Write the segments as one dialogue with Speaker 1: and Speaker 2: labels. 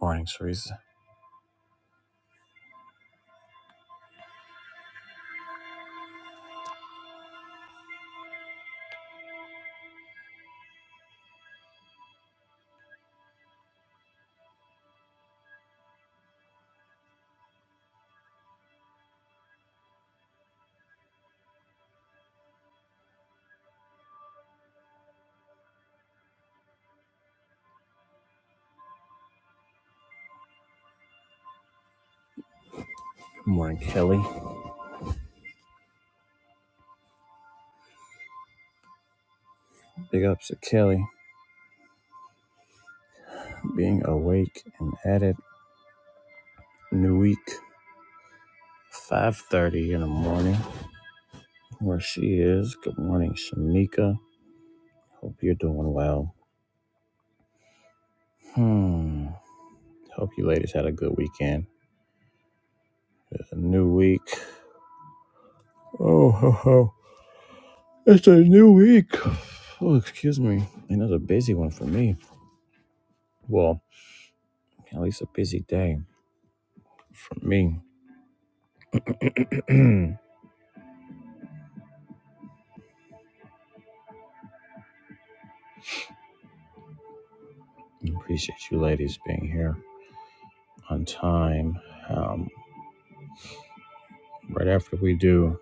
Speaker 1: Morning, Teresa. Morning, Kelly. Big ups to Kelly being awake and at it. New week, 5.30 in the morning, where she is. Good morning, Shamika. Hope you're doing well. Hmm. Hope you ladies had a good weekend. It's a new week. Oh, ho, ho. It's a new week. Oh, excuse me. Another busy one for me. Well, at least a busy day for me. Appreciate you ladies being here. on time. Um, right after we do,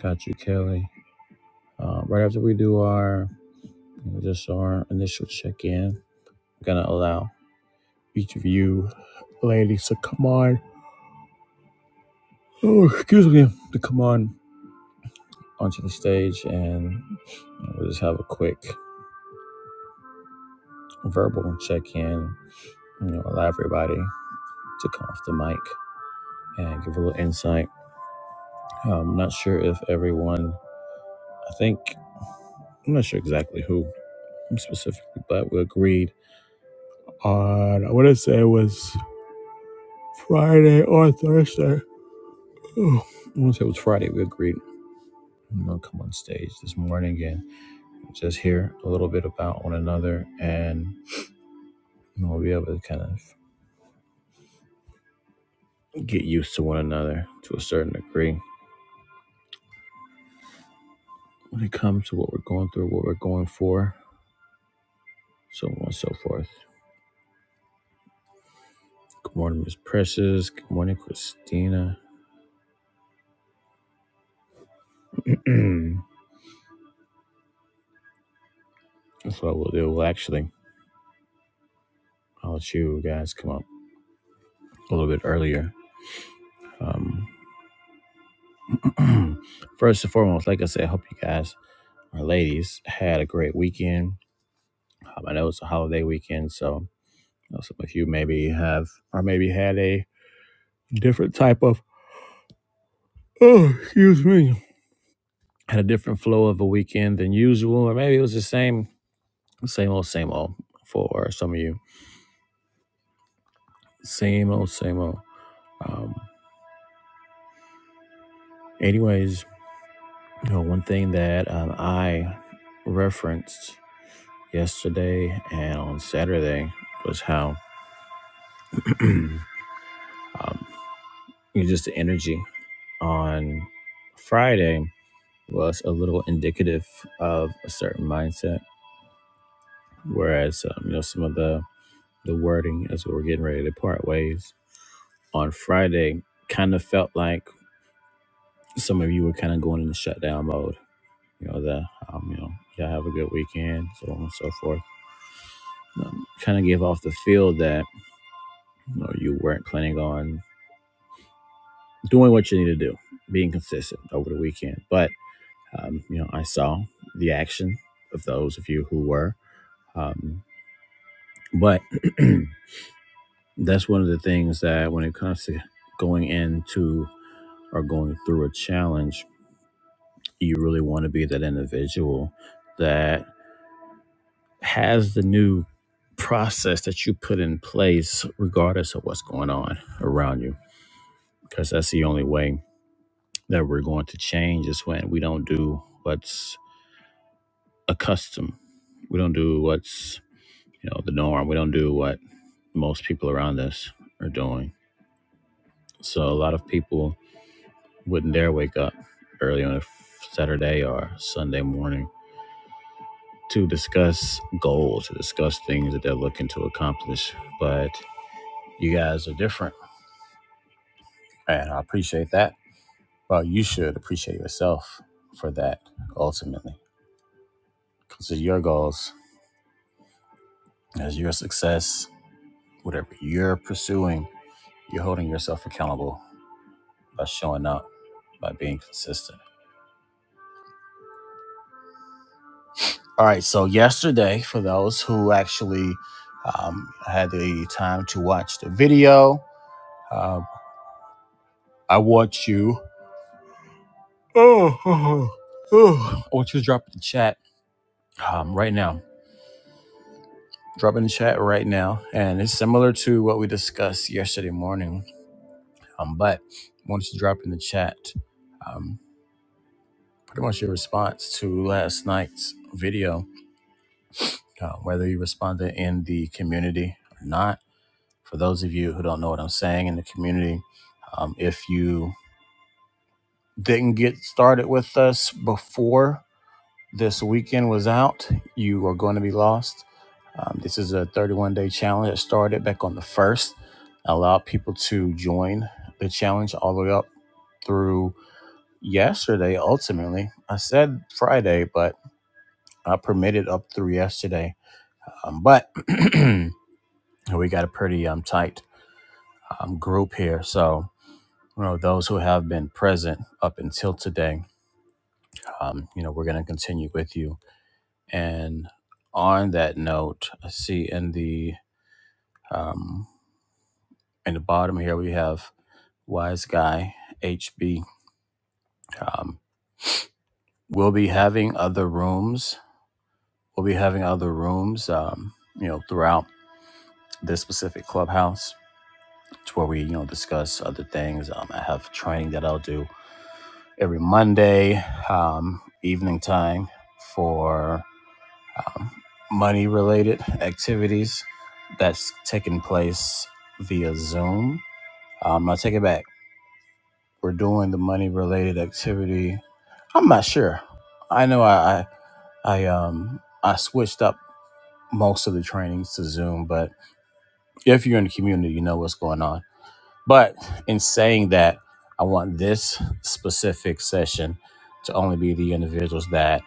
Speaker 1: got you, Kelly. Uh, right after we do our you know, just our initial check in, gonna allow each of you ladies to come on. Oh, excuse me, to come on onto the stage, and you know, we'll just have a quick verbal check in. You know, allow everybody to come off the mic and give a little insight. Um, I'm not sure if everyone. I think I'm not sure exactly who specifically, but we agreed on I want to say it was Friday or Thursday. Oh, I want to say it was Friday. We agreed I'm gonna come on stage this morning and just hear a little bit about one another, and you know, we'll be able to kind of get used to one another to a certain degree when it comes to what we're going through, what we're going for, so on and so forth. Good morning, Miss Precious. Good morning, Christina. That's what we'll do. Well, actually, I'll let you guys come up a little bit earlier Um, First and foremost, like I said, I hope you guys, our ladies, had a great weekend. Um, I know it's a holiday weekend, so you know, some of you maybe have, or maybe had a different type of, oh, excuse me, had a different flow of a weekend than usual, or maybe it was the same, same old, same old for some of you. Same old, same old. Um, anyways, you know, one thing that um, I referenced yesterday and on Saturday was how. um, you know, just the energy on Friday was a little indicative of a certain mindset, whereas um, you know some of the the wording as we were getting ready to part ways on Friday kind of felt like some of you were kind of going into shutdown mode. You know the um, you know y'all have a good weekend, so on and so forth. Um, kind of gave off the feel that you know you weren't planning on doing what you need to do, being consistent over the weekend, but Um, you know, I saw the action of those of you who were. Um, but that's one of the things that when it comes to going into or going through a challenge, you really want to be that individual that has the new process that you put in place, regardless of what's going on around you. Because that's the only way that we're going to change is when we don't do what's accustomed. We don't do what's you know the norm we don't do what most people around us are doing so a lot of people wouldn't dare wake up early on a saturday or sunday morning to discuss goals to discuss things that they're looking to accomplish but you guys are different and i appreciate that well you should appreciate yourself for that ultimately because it's your goals as your success whatever you're pursuing you're holding yourself accountable by showing up by being consistent All right, so yesterday, for those who actually um, had the time to watch the video, uh, I want you. Oh, oh, oh. I want you to drop it in the chat um, right now. Drop it in the chat right now, and it's similar to what we discussed yesterday morning. Um, but I want you to drop in the chat um, pretty much your response to last night's video, uh, whether you responded in the community or not For those of you who don't know what I'm saying in the community, um, if you didn't get started with us before this weekend was out, you are going to be lost. Um, this is a 31 day challenge that started back on the 1st. Allow people to join the challenge all the way up through yesterday, ultimately. I said Friday, but I permitted up through yesterday. Um, but we got a pretty um, tight um, group here. So you know, those who have been present up until today. Um, you know, we're going to continue with you. And on that note, I see in the um, in the bottom here we have Wise Guy HB. Um, we'll be having other rooms. We'll be having other rooms. Um, you know, throughout this specific clubhouse, it's where we you know discuss other things. Um, I have training that I'll do every Monday um, evening time for um, money related activities that's taking place via Zoom. Um, I take it back. We're doing the money related activity. I'm not sure. I know I, I I um I switched up most of the trainings to Zoom, but if you're in the community, you know what's going on. But in saying that, I want this specific session to only be the individuals that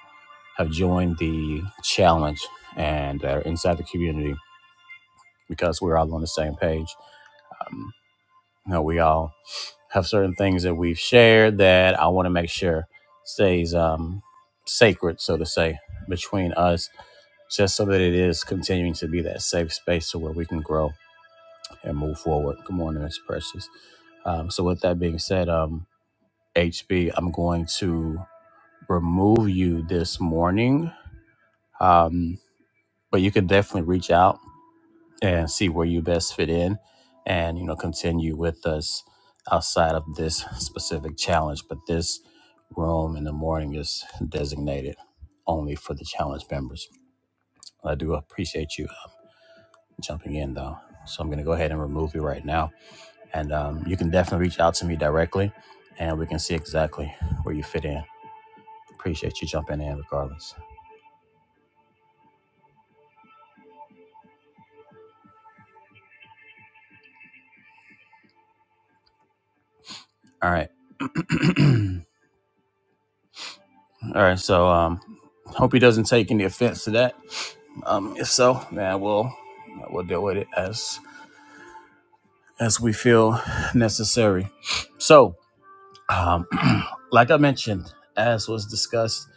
Speaker 1: have joined the challenge and are inside the community because we're all on the same page. Um, you know, we all have certain things that we've shared that I want to make sure stays um, sacred, so to say, between us, just so that it is continuing to be that safe space to where we can grow and move forward. Good morning, Miss Precious. Um, so, with that being said, um, HB, I'm going to remove you this morning, um, but you can definitely reach out and see where you best fit in and you know continue with us outside of this specific challenge but this room in the morning is designated only for the challenge members i do appreciate you jumping in though so i'm going to go ahead and remove you right now and um, you can definitely reach out to me directly and we can see exactly where you fit in appreciate you jumping in regardless all right All right, so um, hope he doesn't take any offense to that. Um, if so, man, we'll we'll deal with it as as we feel necessary. So, um, like I mentioned, as was discussed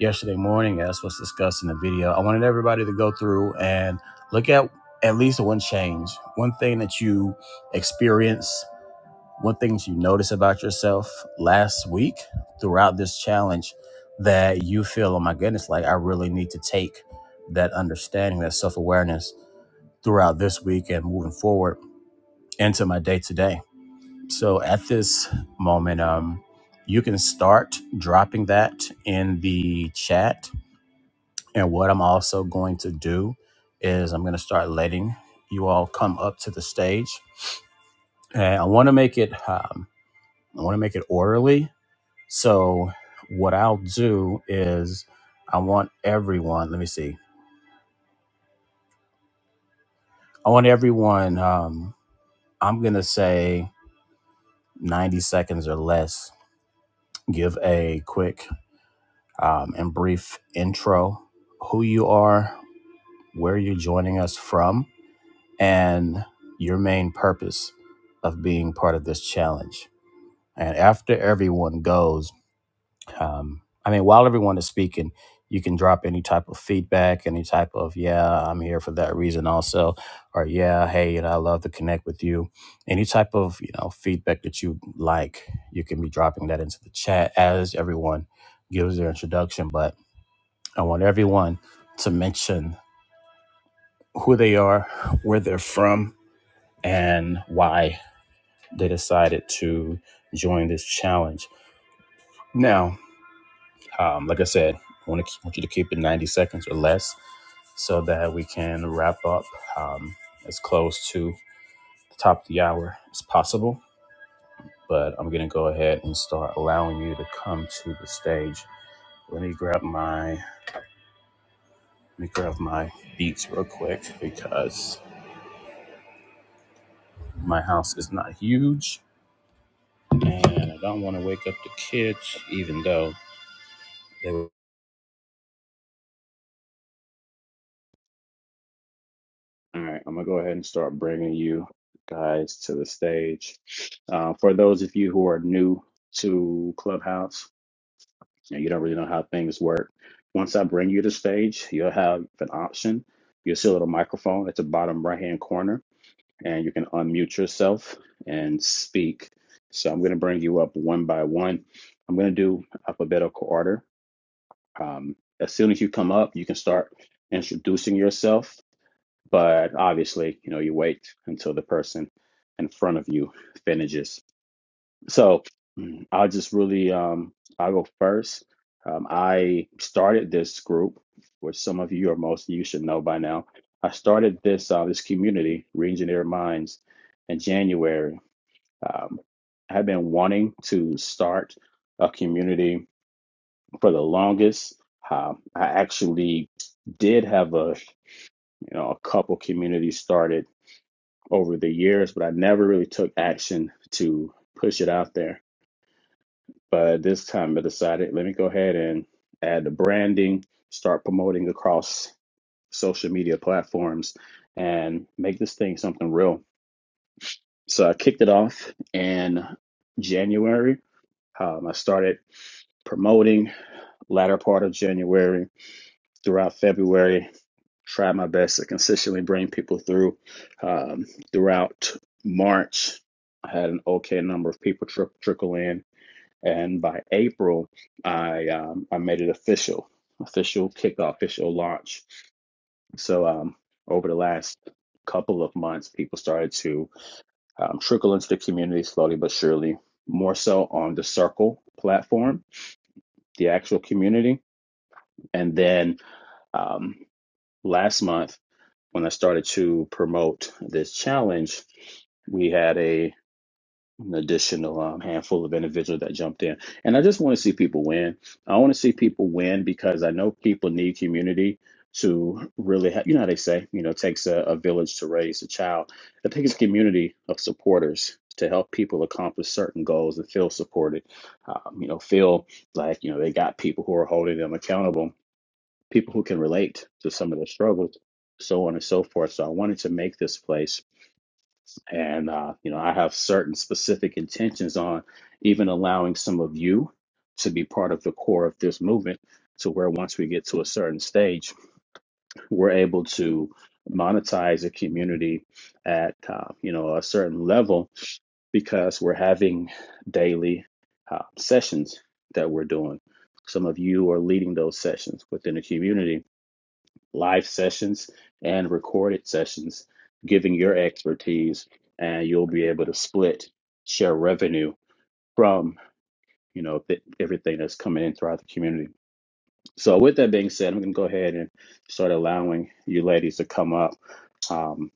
Speaker 1: yesterday morning, as was discussed in the video, I wanted everybody to go through and look at at least one change, one thing that you experienced, what things you notice about yourself last week throughout this challenge that you feel, oh my goodness, like I really need to take that understanding, that self awareness throughout this week and moving forward into my day to day. So at this moment, um, you can start dropping that in the chat. And what I'm also going to do is I'm going to start letting you all come up to the stage. And I want to make it, um, I want to make it orderly So what I'll do is I want everyone, let me see. I want everyone, um, I'm going to say 90 seconds or less, give a quick um, and brief intro, who you are, where you're joining us from, and your main purpose of being part of this challenge. And after everyone goes, um, I mean, while everyone is speaking, you can drop any type of feedback, any type of "Yeah, I'm here for that reason," also, or "Yeah, hey, you know, I love to connect with you." Any type of you know feedback that you like, you can be dropping that into the chat as everyone gives their introduction. But I want everyone to mention who they are, where they're from, and why they decided to join this challenge. Now, Um, like I said, I want to keep, want you to keep it 90 seconds or less so that we can wrap up um, as close to the top of the hour as possible. But I'm going to go ahead and start allowing you to come to the stage. Let me grab my let me grab my beats real quick because my house is not huge and I don't want to wake up the kids, even though they were. All right, I'm gonna go ahead and start bringing you guys to the stage. Uh, for those of you who are new to Clubhouse and you don't really know how things work, once I bring you to stage, you'll have an option. You'll see a little microphone at the bottom right hand corner, and you can unmute yourself and speak. So I'm gonna bring you up one by one. I'm gonna do alphabetical order. Um, as soon as you come up, you can start introducing yourself but obviously, you know, you wait until the person in front of you finishes. So mm, I'll just really, um, I'll go first. Um, I started this group, which some of you or most of you should know by now. I started this uh, this community, Reengineer Minds, in January. Um, I have been wanting to start a community for the longest. Um, I actually did have a you know a couple communities started over the years, but I never really took action to push it out there. But this time I decided, let me go ahead and add the branding, start promoting across social media platforms, and make this thing something real. So I kicked it off in January. Um, I started promoting latter part of January throughout February try my best to consistently bring people through. Um, throughout March, I had an okay number of people tri- trickle in, and by April, I um, I made it official, official kickoff, official launch. So um, over the last couple of months, people started to um, trickle into the community slowly but surely. More so on the Circle platform, the actual community, and then um, last month when I started to promote this challenge, we had a an additional um, handful of individuals that jumped in, and I just want to see people win. I want to see people win because I know people need community to really have. You know how they say, you know, it takes a, a village to raise a child. It takes a community of supporters to help people accomplish certain goals and feel supported. Um, you know, feel like you know they got people who are holding them accountable people who can relate to some of their struggles, so on and so forth. So I wanted to make this place, and uh, you know, I have certain specific intentions on even allowing some of you to be part of the core of this movement, to where once we get to a certain stage, we're able to monetize a community at uh, you know a certain level because we're having daily uh, sessions that we're doing. Some of you are leading those sessions within the community live sessions and recorded sessions, giving your expertise, and you'll be able to split share revenue from you know th- everything that's coming in throughout the community. So with that being said, I'm going to go ahead and start allowing you ladies to come up. Um,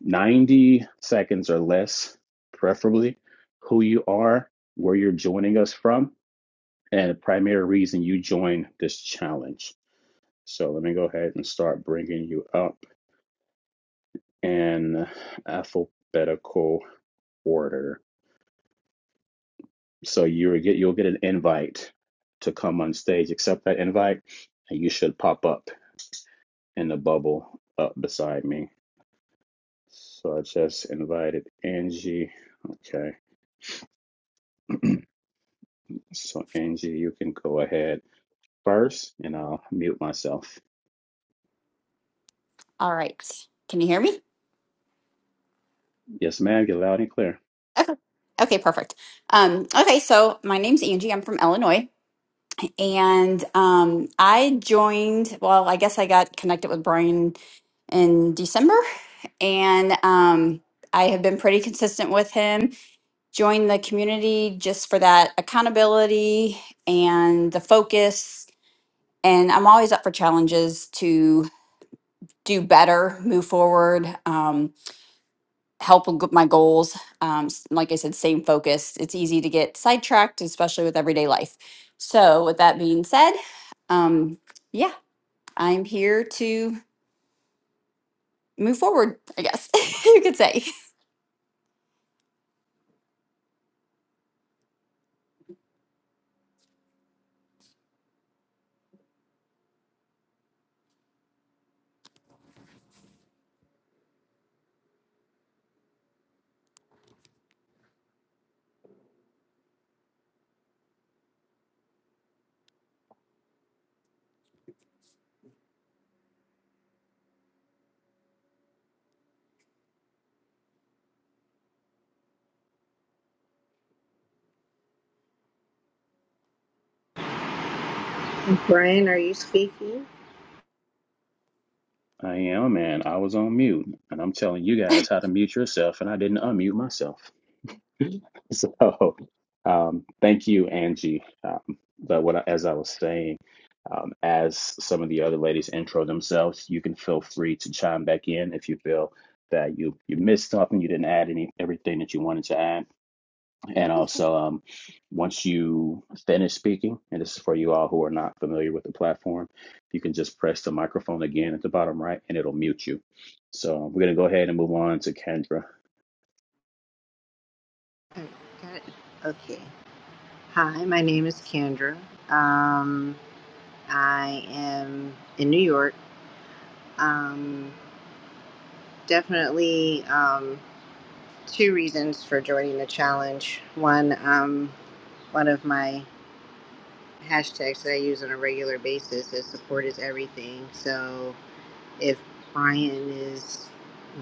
Speaker 1: 90 seconds or less, preferably, who you are, where you're joining us from, and the primary reason you joined this challenge. So let me go ahead and start bringing you up. in alphabetical order. So you will get you'll get an invite to come on stage. Accept that invite, and you should pop up in the bubble up beside me. So I just invited Angie. Okay, so Angie, you can go ahead first, and I'll mute myself.
Speaker 2: All right. Can you hear me?
Speaker 1: Yes, ma'am. Get loud and clear.
Speaker 2: Okay. Okay, perfect. Um, okay, so my name's Angie. I'm from Illinois. And um, I joined, well, I guess I got connected with Brian in December. And um, I have been pretty consistent with him. Joined the community just for that accountability and the focus. And I'm always up for challenges to do better, move forward. Um, help with my goals. Um, s- like I said, same focus. It's easy to get sidetracked, especially with everyday life. So, with that being said, um, yeah, I'm here to move forward, I guess you could say.
Speaker 3: Brian, are you speaking?
Speaker 1: I am, and I was on mute, and I'm telling you guys how to mute yourself, and I didn't unmute myself. so um, thank you angie um, but what I, as i was saying um, as some of the other ladies intro themselves you can feel free to chime back in if you feel that you you missed something you didn't add any everything that you wanted to add and also um, once you finish speaking and this is for you all who are not familiar with the platform you can just press the microphone again at the bottom right and it'll mute you so we're going to go ahead and move on to kendra
Speaker 3: Oh, got it. Okay. Hi, my name is Kendra. Um, I am in New York. Um, definitely um, two reasons for joining the challenge. One, um, one of my hashtags that I use on a regular basis is support is everything. So if Brian is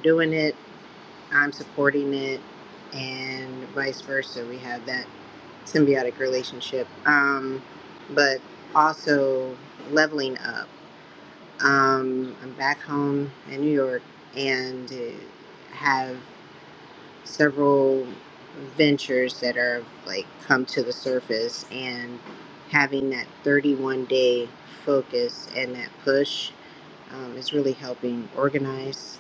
Speaker 3: doing it, I'm supporting it, and vice versa. We have that symbiotic relationship, um, but also leveling up. Um, I'm back home in New York and uh, have several ventures that are like come to the surface and having that 31 day focus and that push um, is really helping organize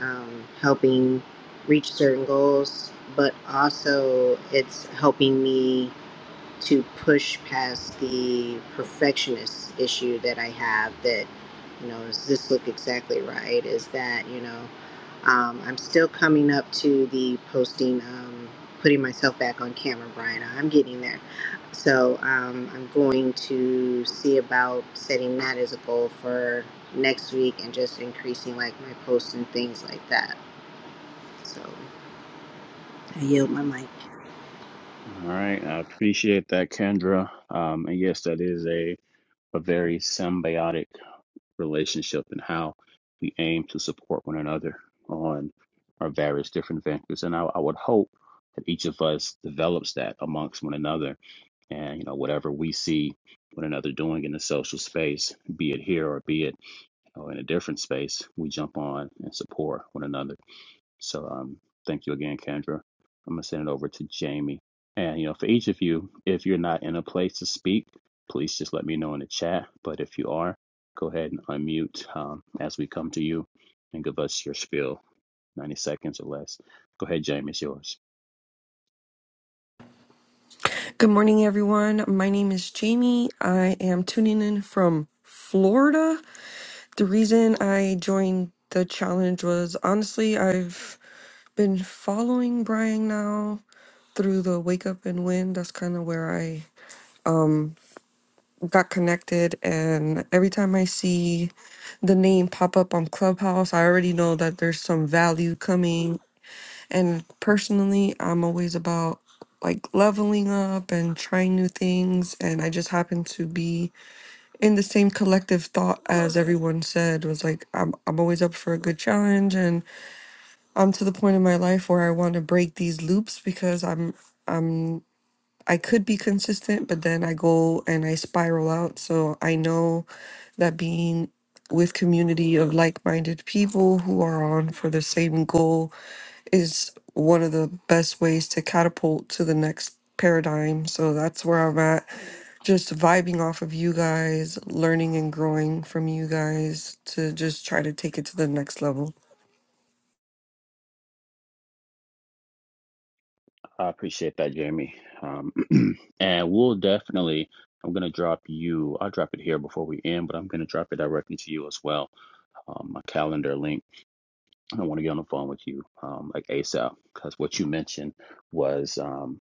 Speaker 3: um, helping reach certain goals, but also it's helping me to push past the perfectionist issue that I have that, you know, does this look exactly right? Is that, you know, um, I'm still coming up to the posting, um, putting myself back on camera, Brian. I'm getting there. So um, I'm going to see about setting that as a goal for next week and just increasing like my posts and things like that. So I yield my mic.
Speaker 1: All right, I appreciate that, Kendra. Um, and yes, that is a, a very symbiotic relationship in how we aim to support one another on our various different ventures. And I, I would hope that each of us develops that amongst one another. And, you know, whatever we see one another doing in the social space, be it here or be it you know, in a different space, we jump on and support one another. So um, thank you again, Kendra. I'm gonna send it over to Jamie. And you know, for each of you, if you're not in a place to speak, please just let me know in the chat. But if you are, go ahead and unmute um, as we come to you and give us your spiel, 90 seconds or less. Go ahead, Jamie, it's yours.
Speaker 4: Good morning, everyone. My name is Jamie. I am tuning in from Florida. The reason I joined the challenge was honestly, I've been following Brian now through the Wake Up and Win. That's kind of where I um, got connected. And every time I see the name pop up on Clubhouse, I already know that there's some value coming and personally, I'm always about like leveling up and trying new things. And I just happen to be in the same collective thought as everyone said was like, I'm, I'm always up for a good challenge. And I'm to the point in my life where I want to break these loops because I'm, I'm, I could be consistent, but then I go and I spiral out. So I know that being with community of like-minded people who are on for the same goal is one of the best ways to catapult to the next paradigm. So that's where I'm at. Just vibing off of you guys, learning and growing from you guys to just try to take it to the next level.
Speaker 1: I appreciate that, Jamie. Um, and we'll definitely. I'm gonna drop you. I'll drop it here before we end, but I'm gonna drop it directly to you as well. Um, my calendar link I want to get on the phone with you um, like ASAP because what you mentioned was. Um,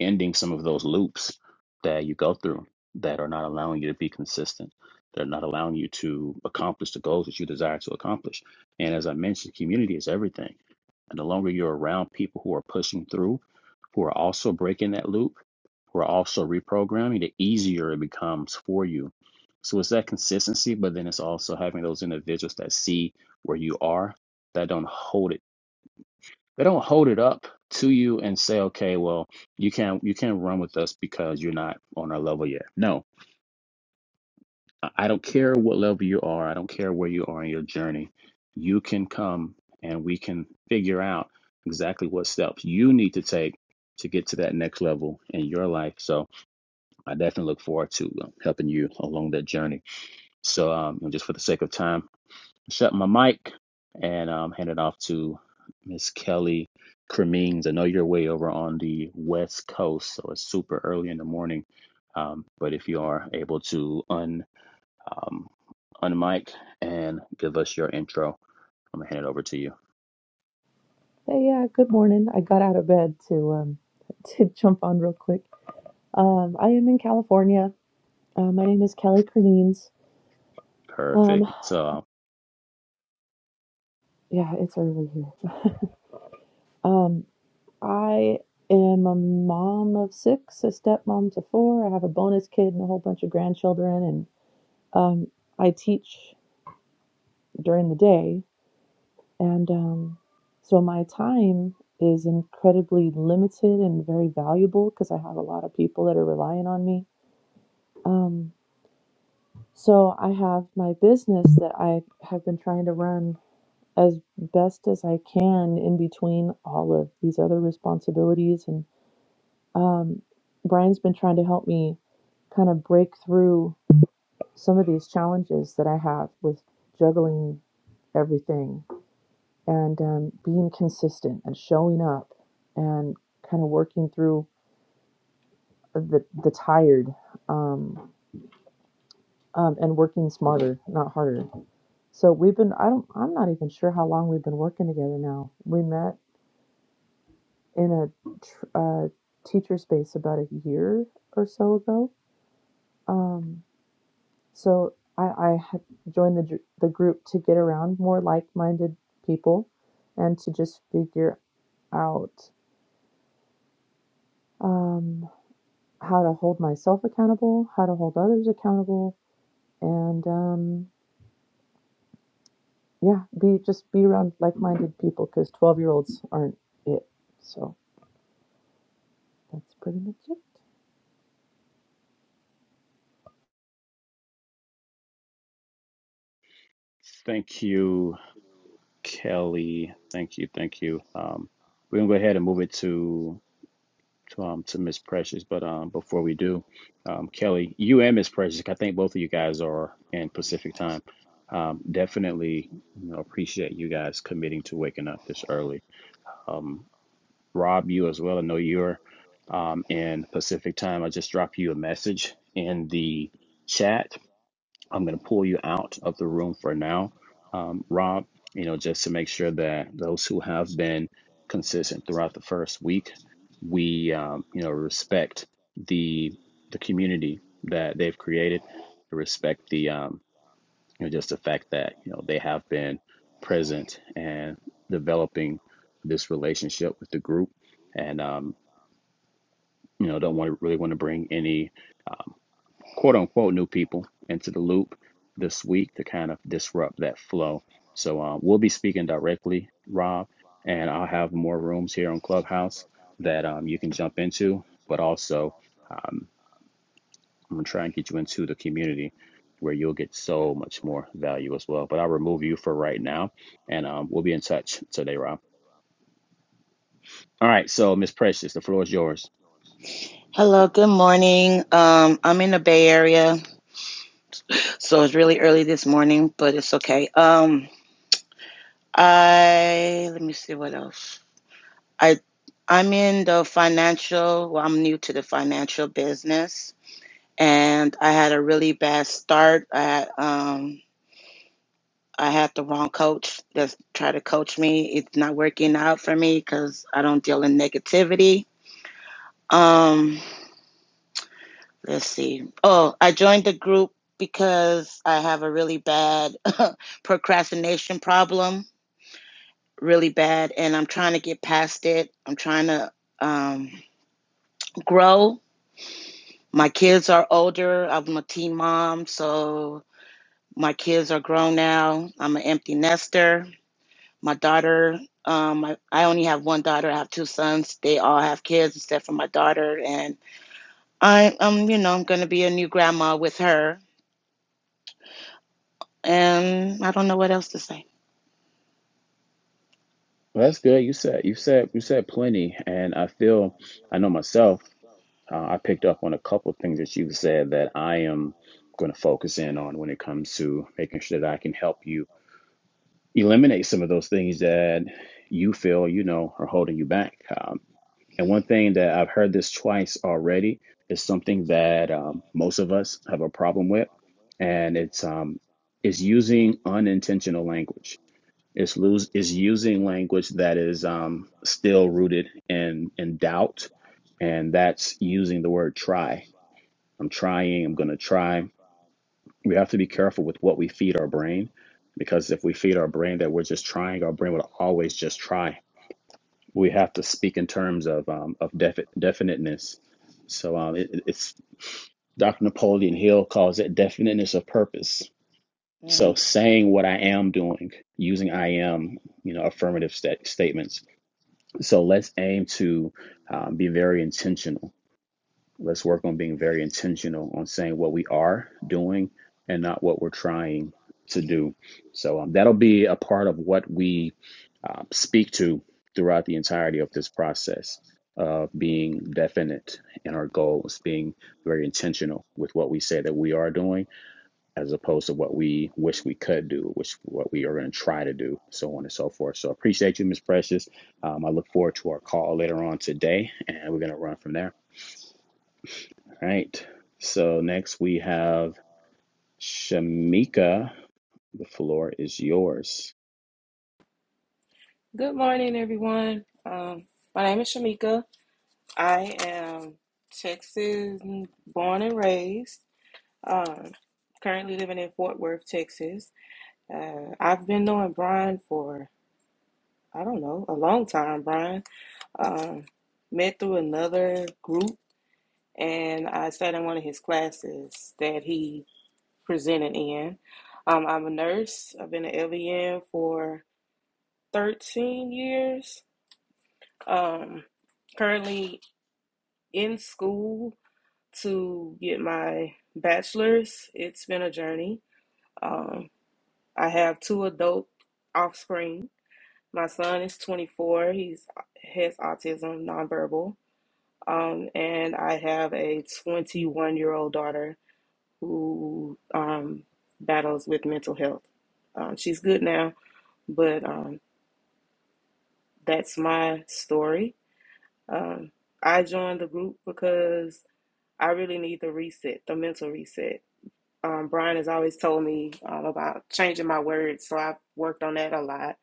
Speaker 1: ending some of those loops that you go through that are not allowing you to be consistent. They're not allowing you to accomplish the goals that you desire to accomplish. And as I mentioned, community is everything. And the longer you're around people who are pushing through, who are also breaking that loop, who are also reprogramming, the easier it becomes for you. So it's that consistency, but then it's also having those individuals that see where you are, that don't hold it they don't hold it up to you and say, okay, well, you can't you can't run with us because you're not on our level yet. No, I don't care what level you are. I don't care where you are in your journey. You can come and we can figure out exactly what steps you need to take to get to that next level in your life. So I definitely look forward to uh, helping you along that journey. So um, just for the sake of time, shut my mic and um, hand it off to Miss Kelly Cremings. I know you're way over on the West Coast, so it's super early in the morning. Um, but if you are able to un um, unmic and give us your intro, I'm gonna hand it over to you.
Speaker 5: Hey, yeah, good morning. I got out of bed to um to jump on real quick. Um, I am in California. Uh, my name is Kelly Cremines. Um,
Speaker 1: Perfect. So
Speaker 5: yeah, it's early here. Um, I am a mom of six, a stepmom to four. I have a bonus kid and a whole bunch of grandchildren, and um, I teach during the day, and um, so my time is incredibly limited and very valuable because I have a lot of people that are relying on me. Um, So I have my business that I have been trying to run as best as I can in between all of these other responsibilities. And um, Brian's been trying to help me kind of break through some of these challenges that I have with juggling everything and um, being consistent and showing up and kind of working through the, the tired um, um, and working smarter, not harder. So we've been, I don't, I'm not even sure how long we've been working together now. We met in a tr- uh, teacher space about a year or so ago. Um, so I, I had joined the, dr- the group to get around more like minded people and to just figure out um, how to hold myself accountable, how to hold others accountable, and um, yeah, be just be around like minded people because 12 year olds aren't it. So. That's pretty much it.
Speaker 1: thank you, Kelly. Thank you, thank you. Um, we're gonna go ahead and move it to to, um, to Miss Precious. But um, before we do, um, Kelly, you and Miss Precious, I think both of you guys are in Pacific time. Um, definitely, you know, appreciate you guys committing to waking up this early. Um, Rob, you as well. I know you're um, in Pacific time. I just dropped you a message in the chat. I'm going to pull you out of the room for now, um, Rob, you know, just to make sure that those who have been consistent throughout the first week, we, um, you know, respect the the community that they've created, respect the, um, you know, just the fact that, you know, they have been present and developing this relationship with the group and, um, you know, don't want to really want to bring any um, quote unquote new people into the loop this week to kind of disrupt that flow. So um, we'll be speaking directly, Rob, and I'll have more rooms here on Clubhouse that um, you can jump into. But also, um, I'm gonna try and get you into the community where you'll get so much more value as well. But I'll remove you for right now, and um, we'll be in touch today, Rob. All right, so Miss Precious, the floor is yours.
Speaker 6: Hello, good morning. Um, I'm in the Bay Area, so it's really early this morning, but it's okay. Um, I let me see what else. I I'm in the financial. Well, I'm new to the financial business, and I had a really bad start. I had, um I had the wrong coach that tried to coach me. It's not working out for me because I don't deal in negativity. Um, Let's see. Oh, I joined the group because I have a really bad procrastination problem, really bad, and I'm trying to get past it. I'm trying to um, grow. My kids are older. I'm a teen mom, so my kids are grown now. I'm an empty nester. My daughter, um, I, I only have one daughter. I have two sons. They all have kids except for my daughter, and I, I'm, you know, I'm gonna be a new grandma with her Um, I don't know what else to say.
Speaker 1: Well, that's good. You said you said you said plenty, and I feel I know myself. uh, I picked up on a couple of things that you said that I am going to focus in on when it comes to making sure that I can help you eliminate some of those things that you feel, you know, are holding you back. Um, and one thing that I've heard this twice already is something that um, most of us have a problem with, and it's um, is using unintentional language. It's lose is using language that is um, still rooted in in doubt, and that's using the word try I'm trying, I'm going to try. We have to be careful with what we feed our brain because if we feed our brain that we're just trying, our brain will always just try. We have to speak in terms of um, of defi- definiteness. So um, it, it's Dr. Napoleon Hill calls it definiteness of purpose.
Speaker 6: Mm.
Speaker 1: So saying what I am doing, using I am, you know, affirmative sta- statements. So let's aim to um, be very intentional Let's work on being very intentional on saying what we are doing and not what we're trying to do. So um, that'll be a part of what we uh, speak to throughout the entirety of this process of being definite in our goals, being very intentional with what we say that we are doing, as opposed to what we wish we could do, which what we are going to try to do, so on and so forth. So appreciate you, Miss Precious. Um, I look forward to our call later on today, and we're going to run from there. All right. So next we have Shamika. The floor is yours.
Speaker 7: Good morning, everyone. Um, my name is Shamika. I am Texas born and raised. Um, currently living in Fort Worth, Texas. Uh, I've been knowing Brian for, I don't know, a long time, Brian. Um, met through another group, and I sat in one of his classes that he presented in. Um, I'm a nurse. I've been an LVN for 13 years. Um, currently in school to get my bachelor's. It's been a journey. Um, I have two adult offspring. My son is 24. He's has autism, nonverbal, um, and I have a 21 year old daughter who um, battles with mental health. Um, she's good now, but um, that's my story. Um, I joined the group because I really need the reset, the mental reset um, Brian has always told me um, about changing my words, so I've worked on that a lot.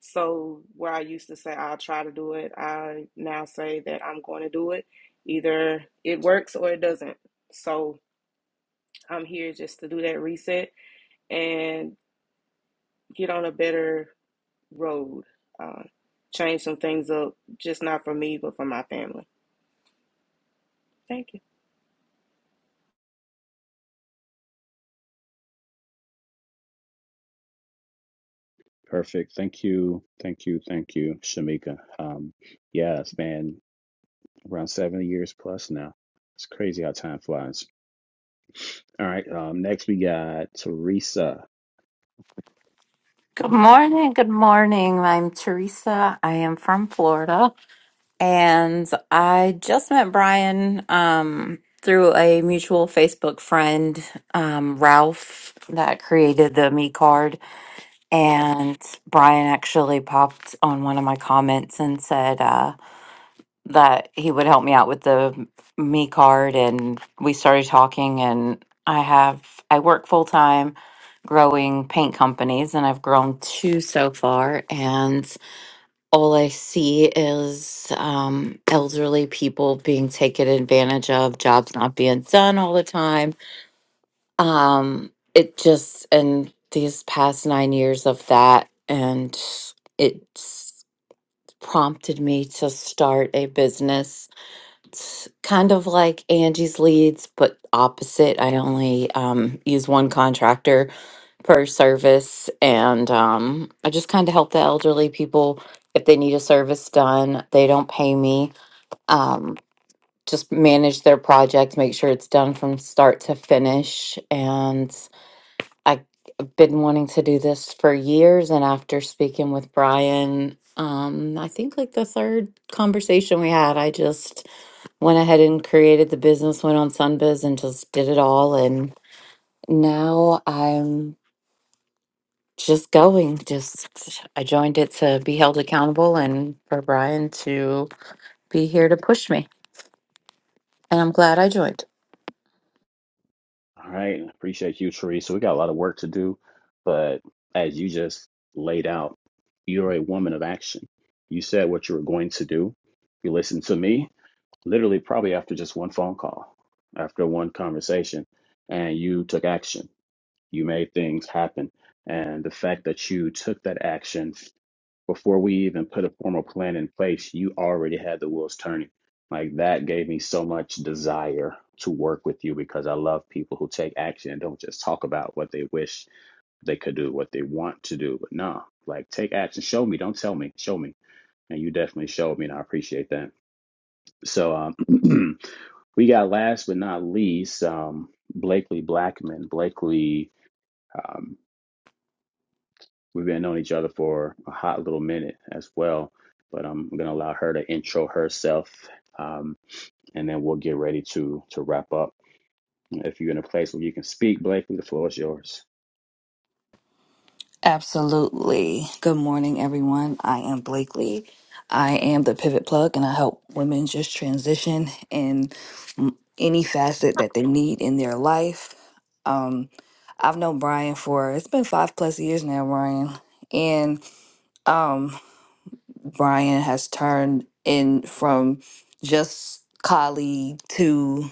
Speaker 7: So where I used to say I'll try to do it, I now say that I'm going to do it. Either it works or it doesn't. So I'm here just to do that reset and get on a better road, um, change some things up, just not for me, but for my family. Thank you.
Speaker 1: Perfect. Thank you. Thank you. Thank you, Shamika. Um, yeah, it's been around seven years plus now. It's crazy how time flies. All right. Um, next we got Teresa.
Speaker 8: Good morning. Good morning. I'm Teresa. I am from Florida and I just met Brian um, through a mutual Facebook friend, um, Ralph, that created the Me card. And Brian actually popped on one of my comments and said uh, that he would help me out with the Me card. And we started talking, and I have, I work full time growing paint companies, and I've grown two so far. And all I see is um, elderly people being taken advantage of, jobs not being done all the time. Um, it just, and these past nine years of that, and it's prompted me to start a business. It's kind of like Angie's Leads, but opposite. I only um, use one contractor for service and um, i just kind of help the elderly people if they need a service done they don't pay me um, just manage their project make sure it's done from start to finish and i've been wanting to do this for years and after speaking with brian um, i think like the third conversation we had i just went ahead and created the business went on sunbiz and just did it all and now i'm just going. Just I joined it to be held accountable and for Brian to be here to push me. And I'm glad I joined.
Speaker 1: All right. Appreciate you, Teresa. We got a lot of work to do, but as you just laid out, you're a woman of action. You said what you were going to do. You listened to me literally probably after just one phone call, after one conversation, and you took action. You made things happen. And the fact that you took that action before we even put a formal plan in place, you already had the wheels turning. Like that gave me so much desire to work with you because I love people who take action and don't just talk about what they wish they could do, what they want to do. But no, like take action. Show me, don't tell me, show me. And you definitely showed me, and I appreciate that. So um, we got last but not least um, Blakely Blackman. Blakely, um, we've been knowing each other for a hot little minute as well, but I'm going to allow her to intro herself, um, and then we'll get ready to to wrap up. If you're in a place where you can speak, Blakely, the floor is yours.
Speaker 9: Absolutely. Good morning, everyone. I am Blakely. I am the pivot plug, and I help women just transition in mm, any facet that they need in their life. Um, I've known Brian for it's been five plus years now, Brian, and um, Brian has turned in from just colleague to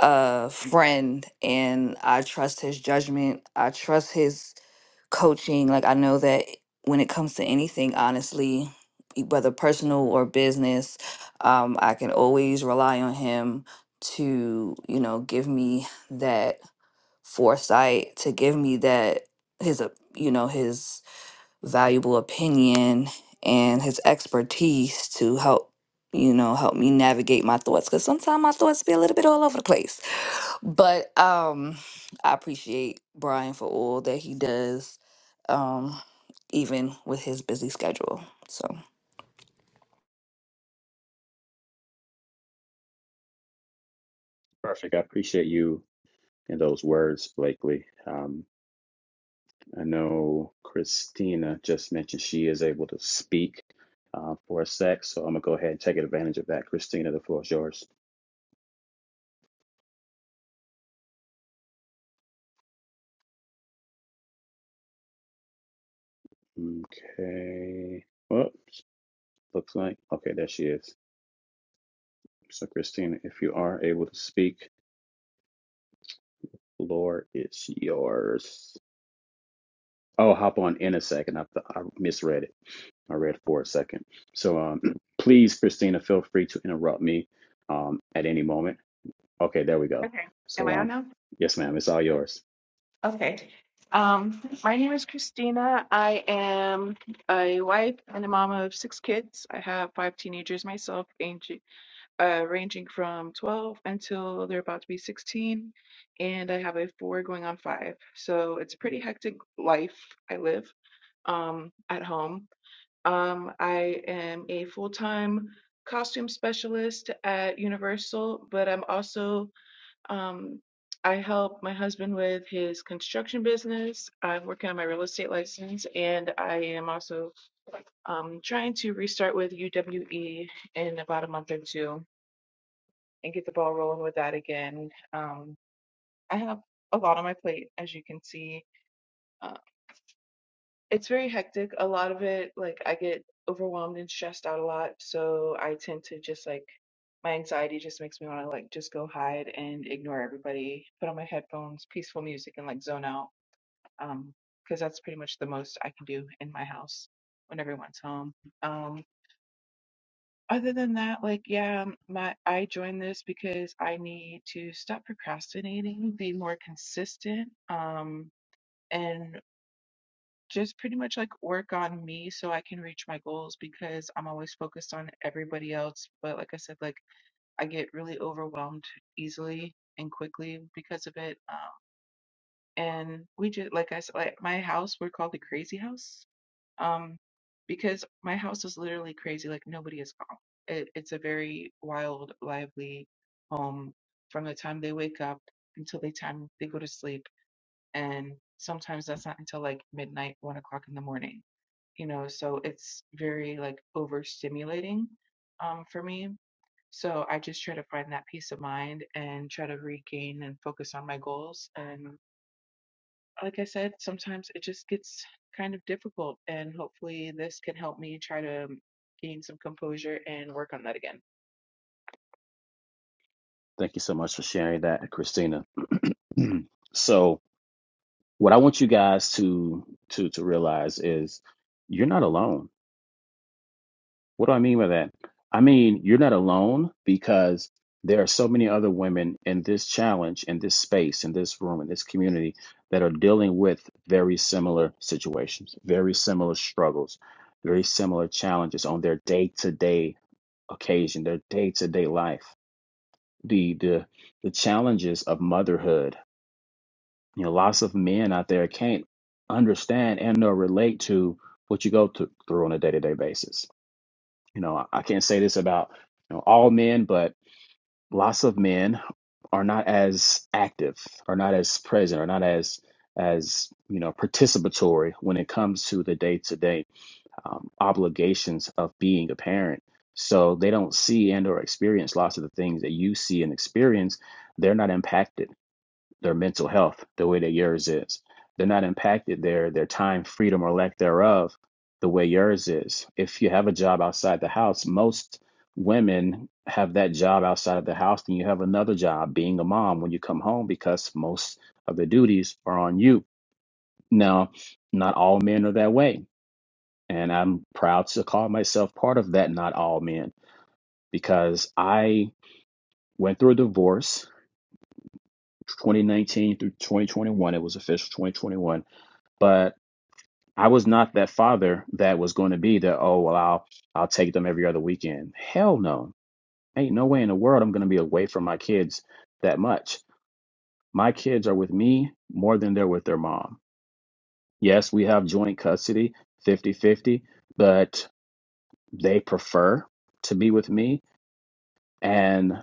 Speaker 9: a friend, and I trust his judgment. I trust his coaching, like I know that when it comes to anything, honestly, e- whether personal or business, um, I can always rely on him to, you know, give me that foresight, to give me that his, op- you know, his valuable opinion and his expertise to help you know help me navigate my thoughts because sometimes my thoughts be a little bit all over the place but um i appreciate brian for all that he does um even with his busy schedule so
Speaker 1: Perfect. I appreciate you and those words, Blakely. Um, I know Christina just mentioned she is able to speak uh, for a sec, so I'm gonna go ahead and take advantage of that. Christina, the floor is yours. Okay. Well, looks like okay, there she is. So Christina, if you are able to speak, floor is yours. Oh, hop on in a second. I, I misread it. I read for a second. So um, please, Christina, feel free to interrupt me um, at any moment. Okay, there we go.
Speaker 10: Okay. Am
Speaker 1: So
Speaker 10: I on
Speaker 1: um,
Speaker 10: now?
Speaker 1: yes, ma'am, it's all yours.
Speaker 10: Okay. Um, my name is Christina. I am a wife and a mom of six kids. I have five teenagers myself, ranging, uh, ranging from 12 until they're about to be 16. And I have a four going on five. So it's a pretty hectic life I live um, at home. Um, I am a full time costume specialist at Universal, but I'm also um, I help my husband with his construction business. I'm working on my real estate license, and I am also um, trying to restart with UWE in about a month or two and get the ball rolling with that again. Um, I have a lot on my plate, as you can see. Uh, It's very hectic. A lot of it, like I get overwhelmed and stressed out a lot, so I tend to just like my anxiety just makes me want to like just go hide and ignore everybody, put on my headphones, peaceful music, and like zone out. Um, because that's pretty much the most I can do in my house when everyone's home. Um, other than that, like yeah, um, my I joined this because I need to stop procrastinating, be more consistent. Um. and just pretty much like work on me so I can reach my goals because I'm always focused on everybody else. But like I said, like I get really overwhelmed easily and quickly because of it. Um, and we just like I said, like my house we're called the crazy house. Um, because my house is literally crazy. Like nobody is calm. It, it's a very wild, lively home from the time they wake up until the time they go to sleep and sometimes that's not until like midnight, one o'clock in the morning, you know, so it's very like overstimulating um, for me. So I just try to find that peace of mind and try to regain and focus on my goals. And like I said, sometimes it just gets kind of difficult, and hopefully this can help me try to gain some composure and work on that again.
Speaker 1: Thank you so much for sharing that, Christina. so, what I want you guys to to to realize is you're not alone. What do I mean by that? I mean, you're not alone because there are so many other women in this challenge, in this space, in this room, in this community that are dealing with very similar situations, very similar struggles, very similar challenges on their day-to-day occasion, their day-to-day life. The the the challenges of motherhood You know, lots of men out there can't understand and nor relate to what you go th- through on a day to day basis. You know, I I can't say this about you know all men, but lots of men are not as active, are not as present, are not as as you know participatory when it comes to the day to day obligations of being a parent. So they don't see and or experience lots of the things that you see and experience. They're not impacted their mental health the way that yours is. They're not impacted their their time, freedom, or lack thereof the way yours is. If you have a job outside the house, most women have that job outside of the house, then you have another job being a mom when you come home because most of the duties are on you. Now, not all men are that way. And I'm proud to call myself part of that not all men because I went through a divorce 2019 through 2021. It was official 2021 but I was not that father that was going to be that, oh, well, I'll I'll take them every other weekend. Hell no. Ain't no way in the world I'm going to be away from my kids that much. My kids are with me more than they're with their mom. Yes, we have joint custody, fifty-fifty, but they prefer to be with me and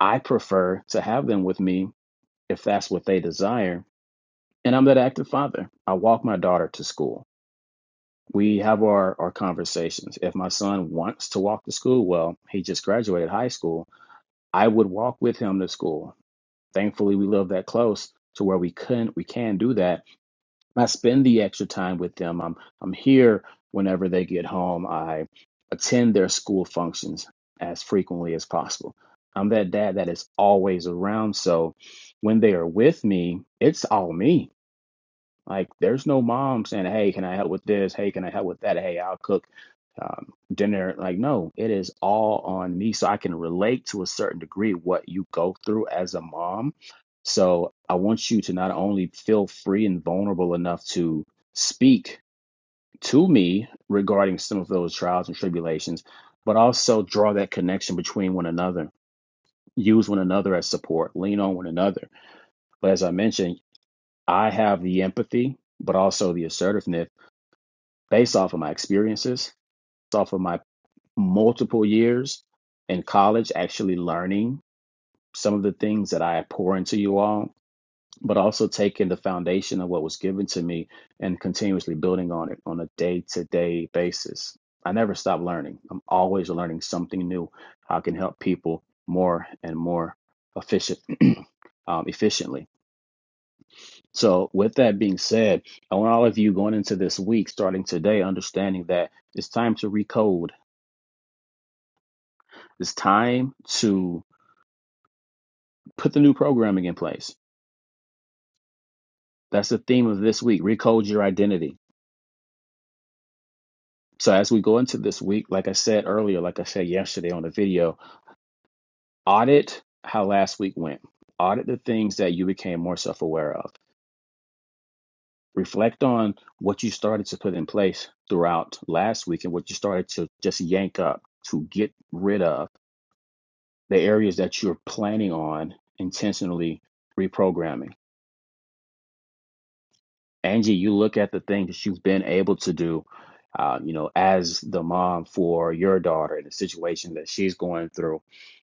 Speaker 1: I prefer to have them with me if that's what they desire. And I'm that active father. I walk my daughter to school. we have our, our conversations. If my son wants to walk to school, well, he just graduated high school. I would walk with him to school. Thankfully, we live that close to where we couldn't, we can do that. I spend the extra time with them. I'm I'm here whenever they get home. I attend their school functions as frequently as possible. I'm that dad that is always around. So when they are with me, it's all me like, there's no mom saying, "Hey, can I help with this? Hey, can I help with that? Hey, I'll cook um, dinner." Like, no, it is all on me, so I can relate to a certain degree what you go through as a mom. So I want you to not only feel free and vulnerable enough to speak to me regarding some of those trials and tribulations, but also draw that connection between one another. Use one another as support. Lean on one another. But as I mentioned, I have the empathy, but also the assertiveness based off of my experiences, based off of my multiple years in college, actually learning some of the things that I pour into you all, but also taking the foundation of what was given to me and continuously building on it on a day to day basis. I never stop learning. I'm always learning something new. How I can help people more and more efficient, um, efficiently. So, with that being said, I want all of you going into this week, starting today, understanding that it's time to recode It's time to put the new programming in place. That's the theme of this week recode your identity. So, as we go into this week, like I said earlier, like I said yesterday on the video, audit how last week went, audit the things that you became more self aware of. Reflect on what you started to put in place throughout last week and what you started to just yank up to get rid of the areas that you're planning on intentionally reprogramming Angie, you look at the thing that you've been able to do, uh, you know, as the mom for your daughter and the situation that she's going through,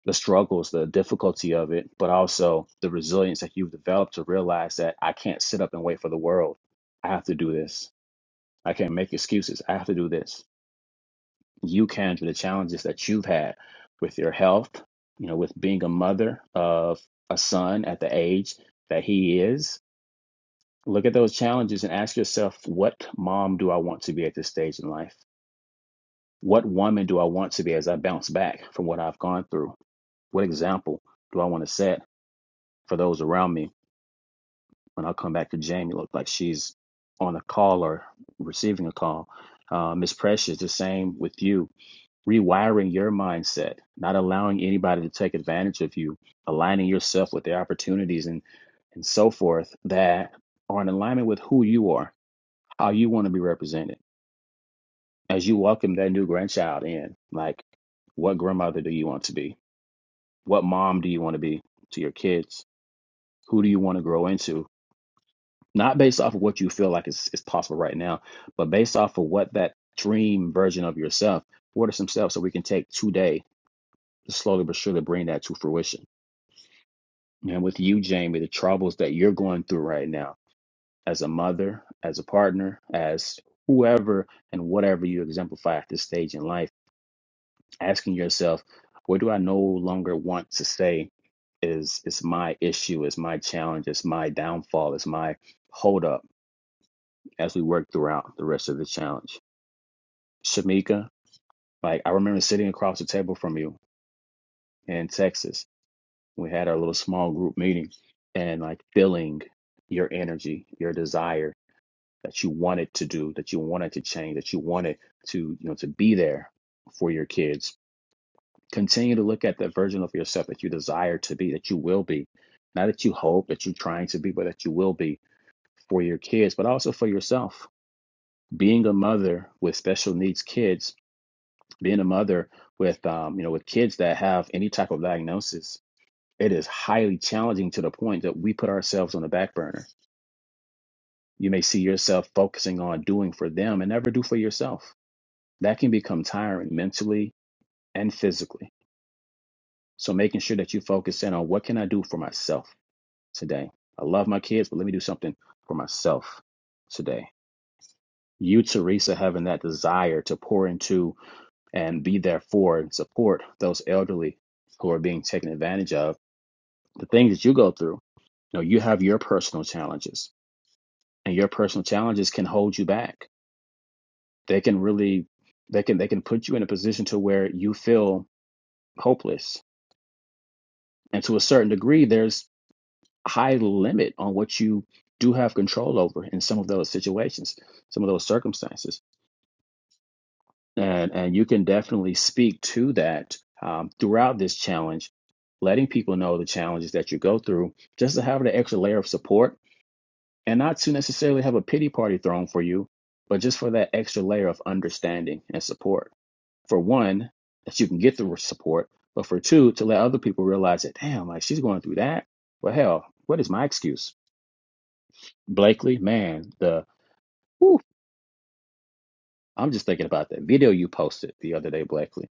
Speaker 1: the struggles, the difficulty of it, but also the resilience that you've developed to realize that I can't sit up and wait for the world. I have to do this. I can't make excuses. I have to do this. You can through the challenges that you've had with your health, you know, with being a mother of a son at the age that he is, Look at those challenges and ask yourself, what mom do I want to be at this stage in life? What woman do I want to be as I bounce back from what I've gone through? What example do I want to set for those around me when I come back to Jamie? Look like she's on a call or receiving a call. Uh, Miss Precious, the same with you. Rewiring your mindset, not allowing anybody to take advantage of you, aligning yourself with their opportunities and and so forth that are in alignment with who you are, how you want to be represented as you welcome that new grandchild in, like what grandmother do you want to be? What mom do you want to be to your kids? Who do you want to grow into? Not based off of what you feel like is, is possible right now, but based off of what that dream version of yourself, what are some steps that we can take today to slowly but surely bring that to fruition? And with you, Jamie, the troubles that you're going through right now as a mother, as a partner, as whoever and whatever you exemplify at this stage in life asking yourself, what do I no longer want to say is is my issue, is my challenge, is my downfall, is my holdup as we work throughout the rest of the challenge. Shamika, like I remember sitting across the table from you in Texas. We had our little small group meeting and like feeling your energy, your desire that you wanted to do, that you wanted to change, that you wanted to, you know, to be there for your kids Continue to look at that version of yourself that you desire to be, that you will be, not that you hope, that you're trying to be, but that you will be for your kids, but also for yourself. Being a mother with special needs kids, being a mother with um, you know with kids that have any type of diagnosis, it is highly challenging to the point that we put ourselves on the back burner. You may see yourself focusing on doing for them and never do for yourself. That can become tiring mentally and physically. So making sure that you focus in on what can I do for myself today. I love my kids, but let me do something for myself today. You, Teresa, having that desire to pour into and be there for and support those elderly who are being taken advantage of, the things that you go through. You know, you have your personal challenges, and your personal challenges can hold you back. They can really, they can, they can put you in a position to where you feel hopeless. And to a certain degree, there's high limit on what you do have control over in some of those situations, some of those circumstances. And and you can definitely speak to that um, throughout this challenge, letting people know the challenges that you go through, just to have the extra layer of support and not to necessarily have a pity party thrown for you, but just for that extra layer of understanding and support. For one, that you can get the support, but for two, to let other people realize that, damn, like she's going through that. Well, hell, what is my excuse? Blakely, man, the whew, I'm just thinking about that video you posted the other day, Blakely,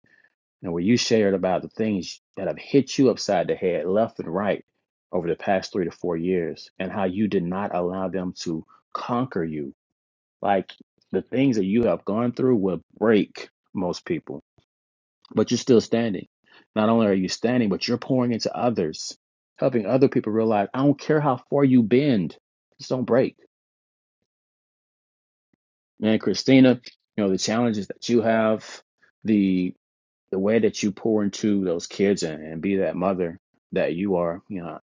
Speaker 1: and where you shared about the things that have hit you upside the head, left and right, over the past three to four years, and how you did not allow them to conquer you. Like the things that you have gone through will break most people, but you're still standing. Not only are you standing, but you're pouring into others, helping other people realize I don't care how far you bend, just don't break. And Christina, you know, the challenges that you have, the the way that you pour into those kids and, and be that mother that you are, you know,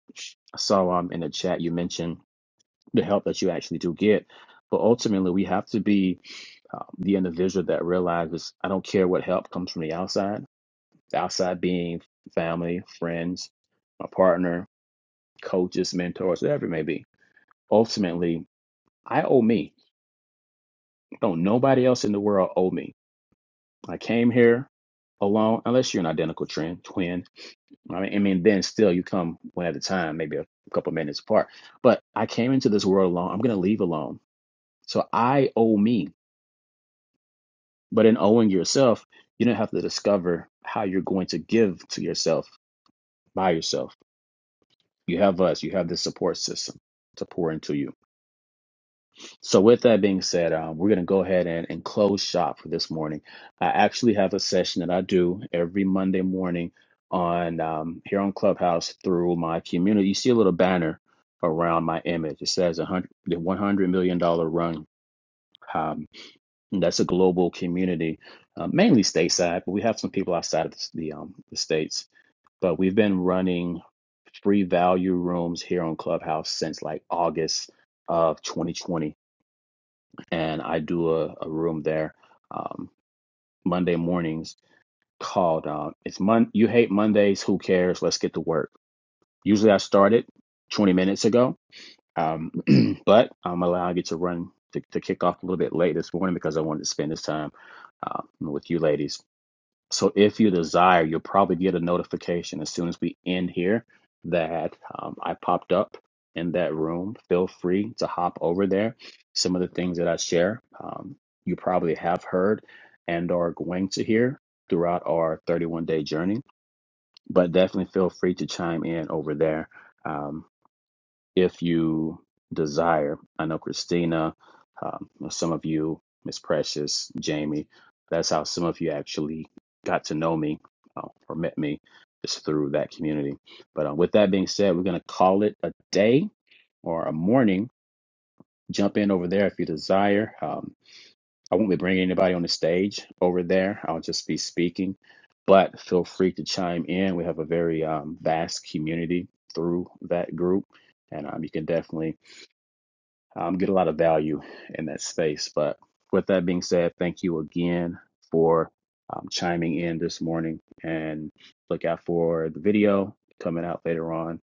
Speaker 1: I saw um in the chat you mentioned the help that you actually do get. But ultimately, we have to be uh, the individual that realizes I don't care what help comes from the outside. The outside being family, friends, my partner, coaches, mentors, whatever it may be. Ultimately, I owe me. Don't nobody else in the world owe me I came here alone, unless you're an identical twin. Twin. I mean, I mean, then still you come one at a time, maybe a couple minutes apart. But I came into this world alone. I'm gonna leave alone. So I owe me. But in owing yourself, you don't have to discover how you're going to give to yourself by yourself. You have us. You have this support system to pour into you. So, with that being said, um, we're going to go ahead and, and close shop for this morning. I actually have a session that I do every Monday morning on um, here on Clubhouse through my community. You see a little banner around my image. It says 100, the $100 million dollar run. Um, and that's a global community, uh, mainly stateside, but we have some people outside of the, the, um, the states. But we've been running free value rooms here on Clubhouse since like August of 2020 and I do a, a room there um, Monday mornings called uh, "It's Mon You Hate Mondays? Who cares? Let's get to work." Usually, I started 20 minutes ago, um, but I'm allowing you to run to, to kick off a little bit late this morning because I wanted to spend this time uh, with you ladies. So if you desire, you'll probably get a notification as soon as we end here that um, I popped up in that room. Feel free to hop over there. Some of the things that I share, um, you probably have heard and are going to hear throughout our 31 day journey, but definitely feel free to chime in over there. Um, if you desire. I know Christina, um, well, some of you, Miss Precious, Jamie, that's how some of you actually got to know me uh, or met me just through that community. But uh, with that being said, we're going to call it a day or a morning. Jump in over there if you desire. Um, I won't be bringing anybody on the stage over there. I'll just be speaking, but feel free to chime in. We have a very um, vast community through that group, and um, you can definitely um, get a lot of value in that space. But with that being said, thank you again for um, chiming in this morning and look out for the video coming out later on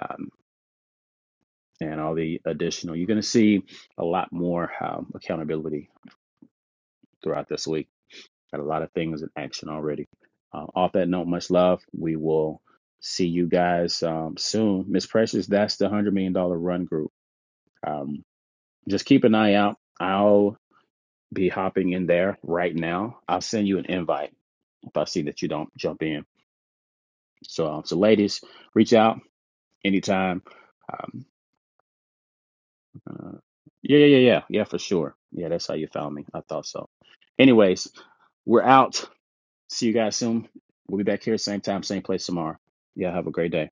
Speaker 1: um, and all the additional. You're going to see a lot more um, accountability throughout this week. Got a lot of things in action already. Um, off that note, much love. We will see you guys um, soon. Miss Precious, that's the $100 million dollar run group. Um, just keep an eye out. I'll. be hopping in there right now. I'll send you an invite if I see that you don't jump in. So, um, so ladies, reach out anytime. Um, uh, yeah, yeah, yeah, yeah, yeah, for sure. Yeah, that's how you found me. I thought so. Anyways, we're out. See you guys soon. We'll be back here same time, same place tomorrow. Yeah, have a great day.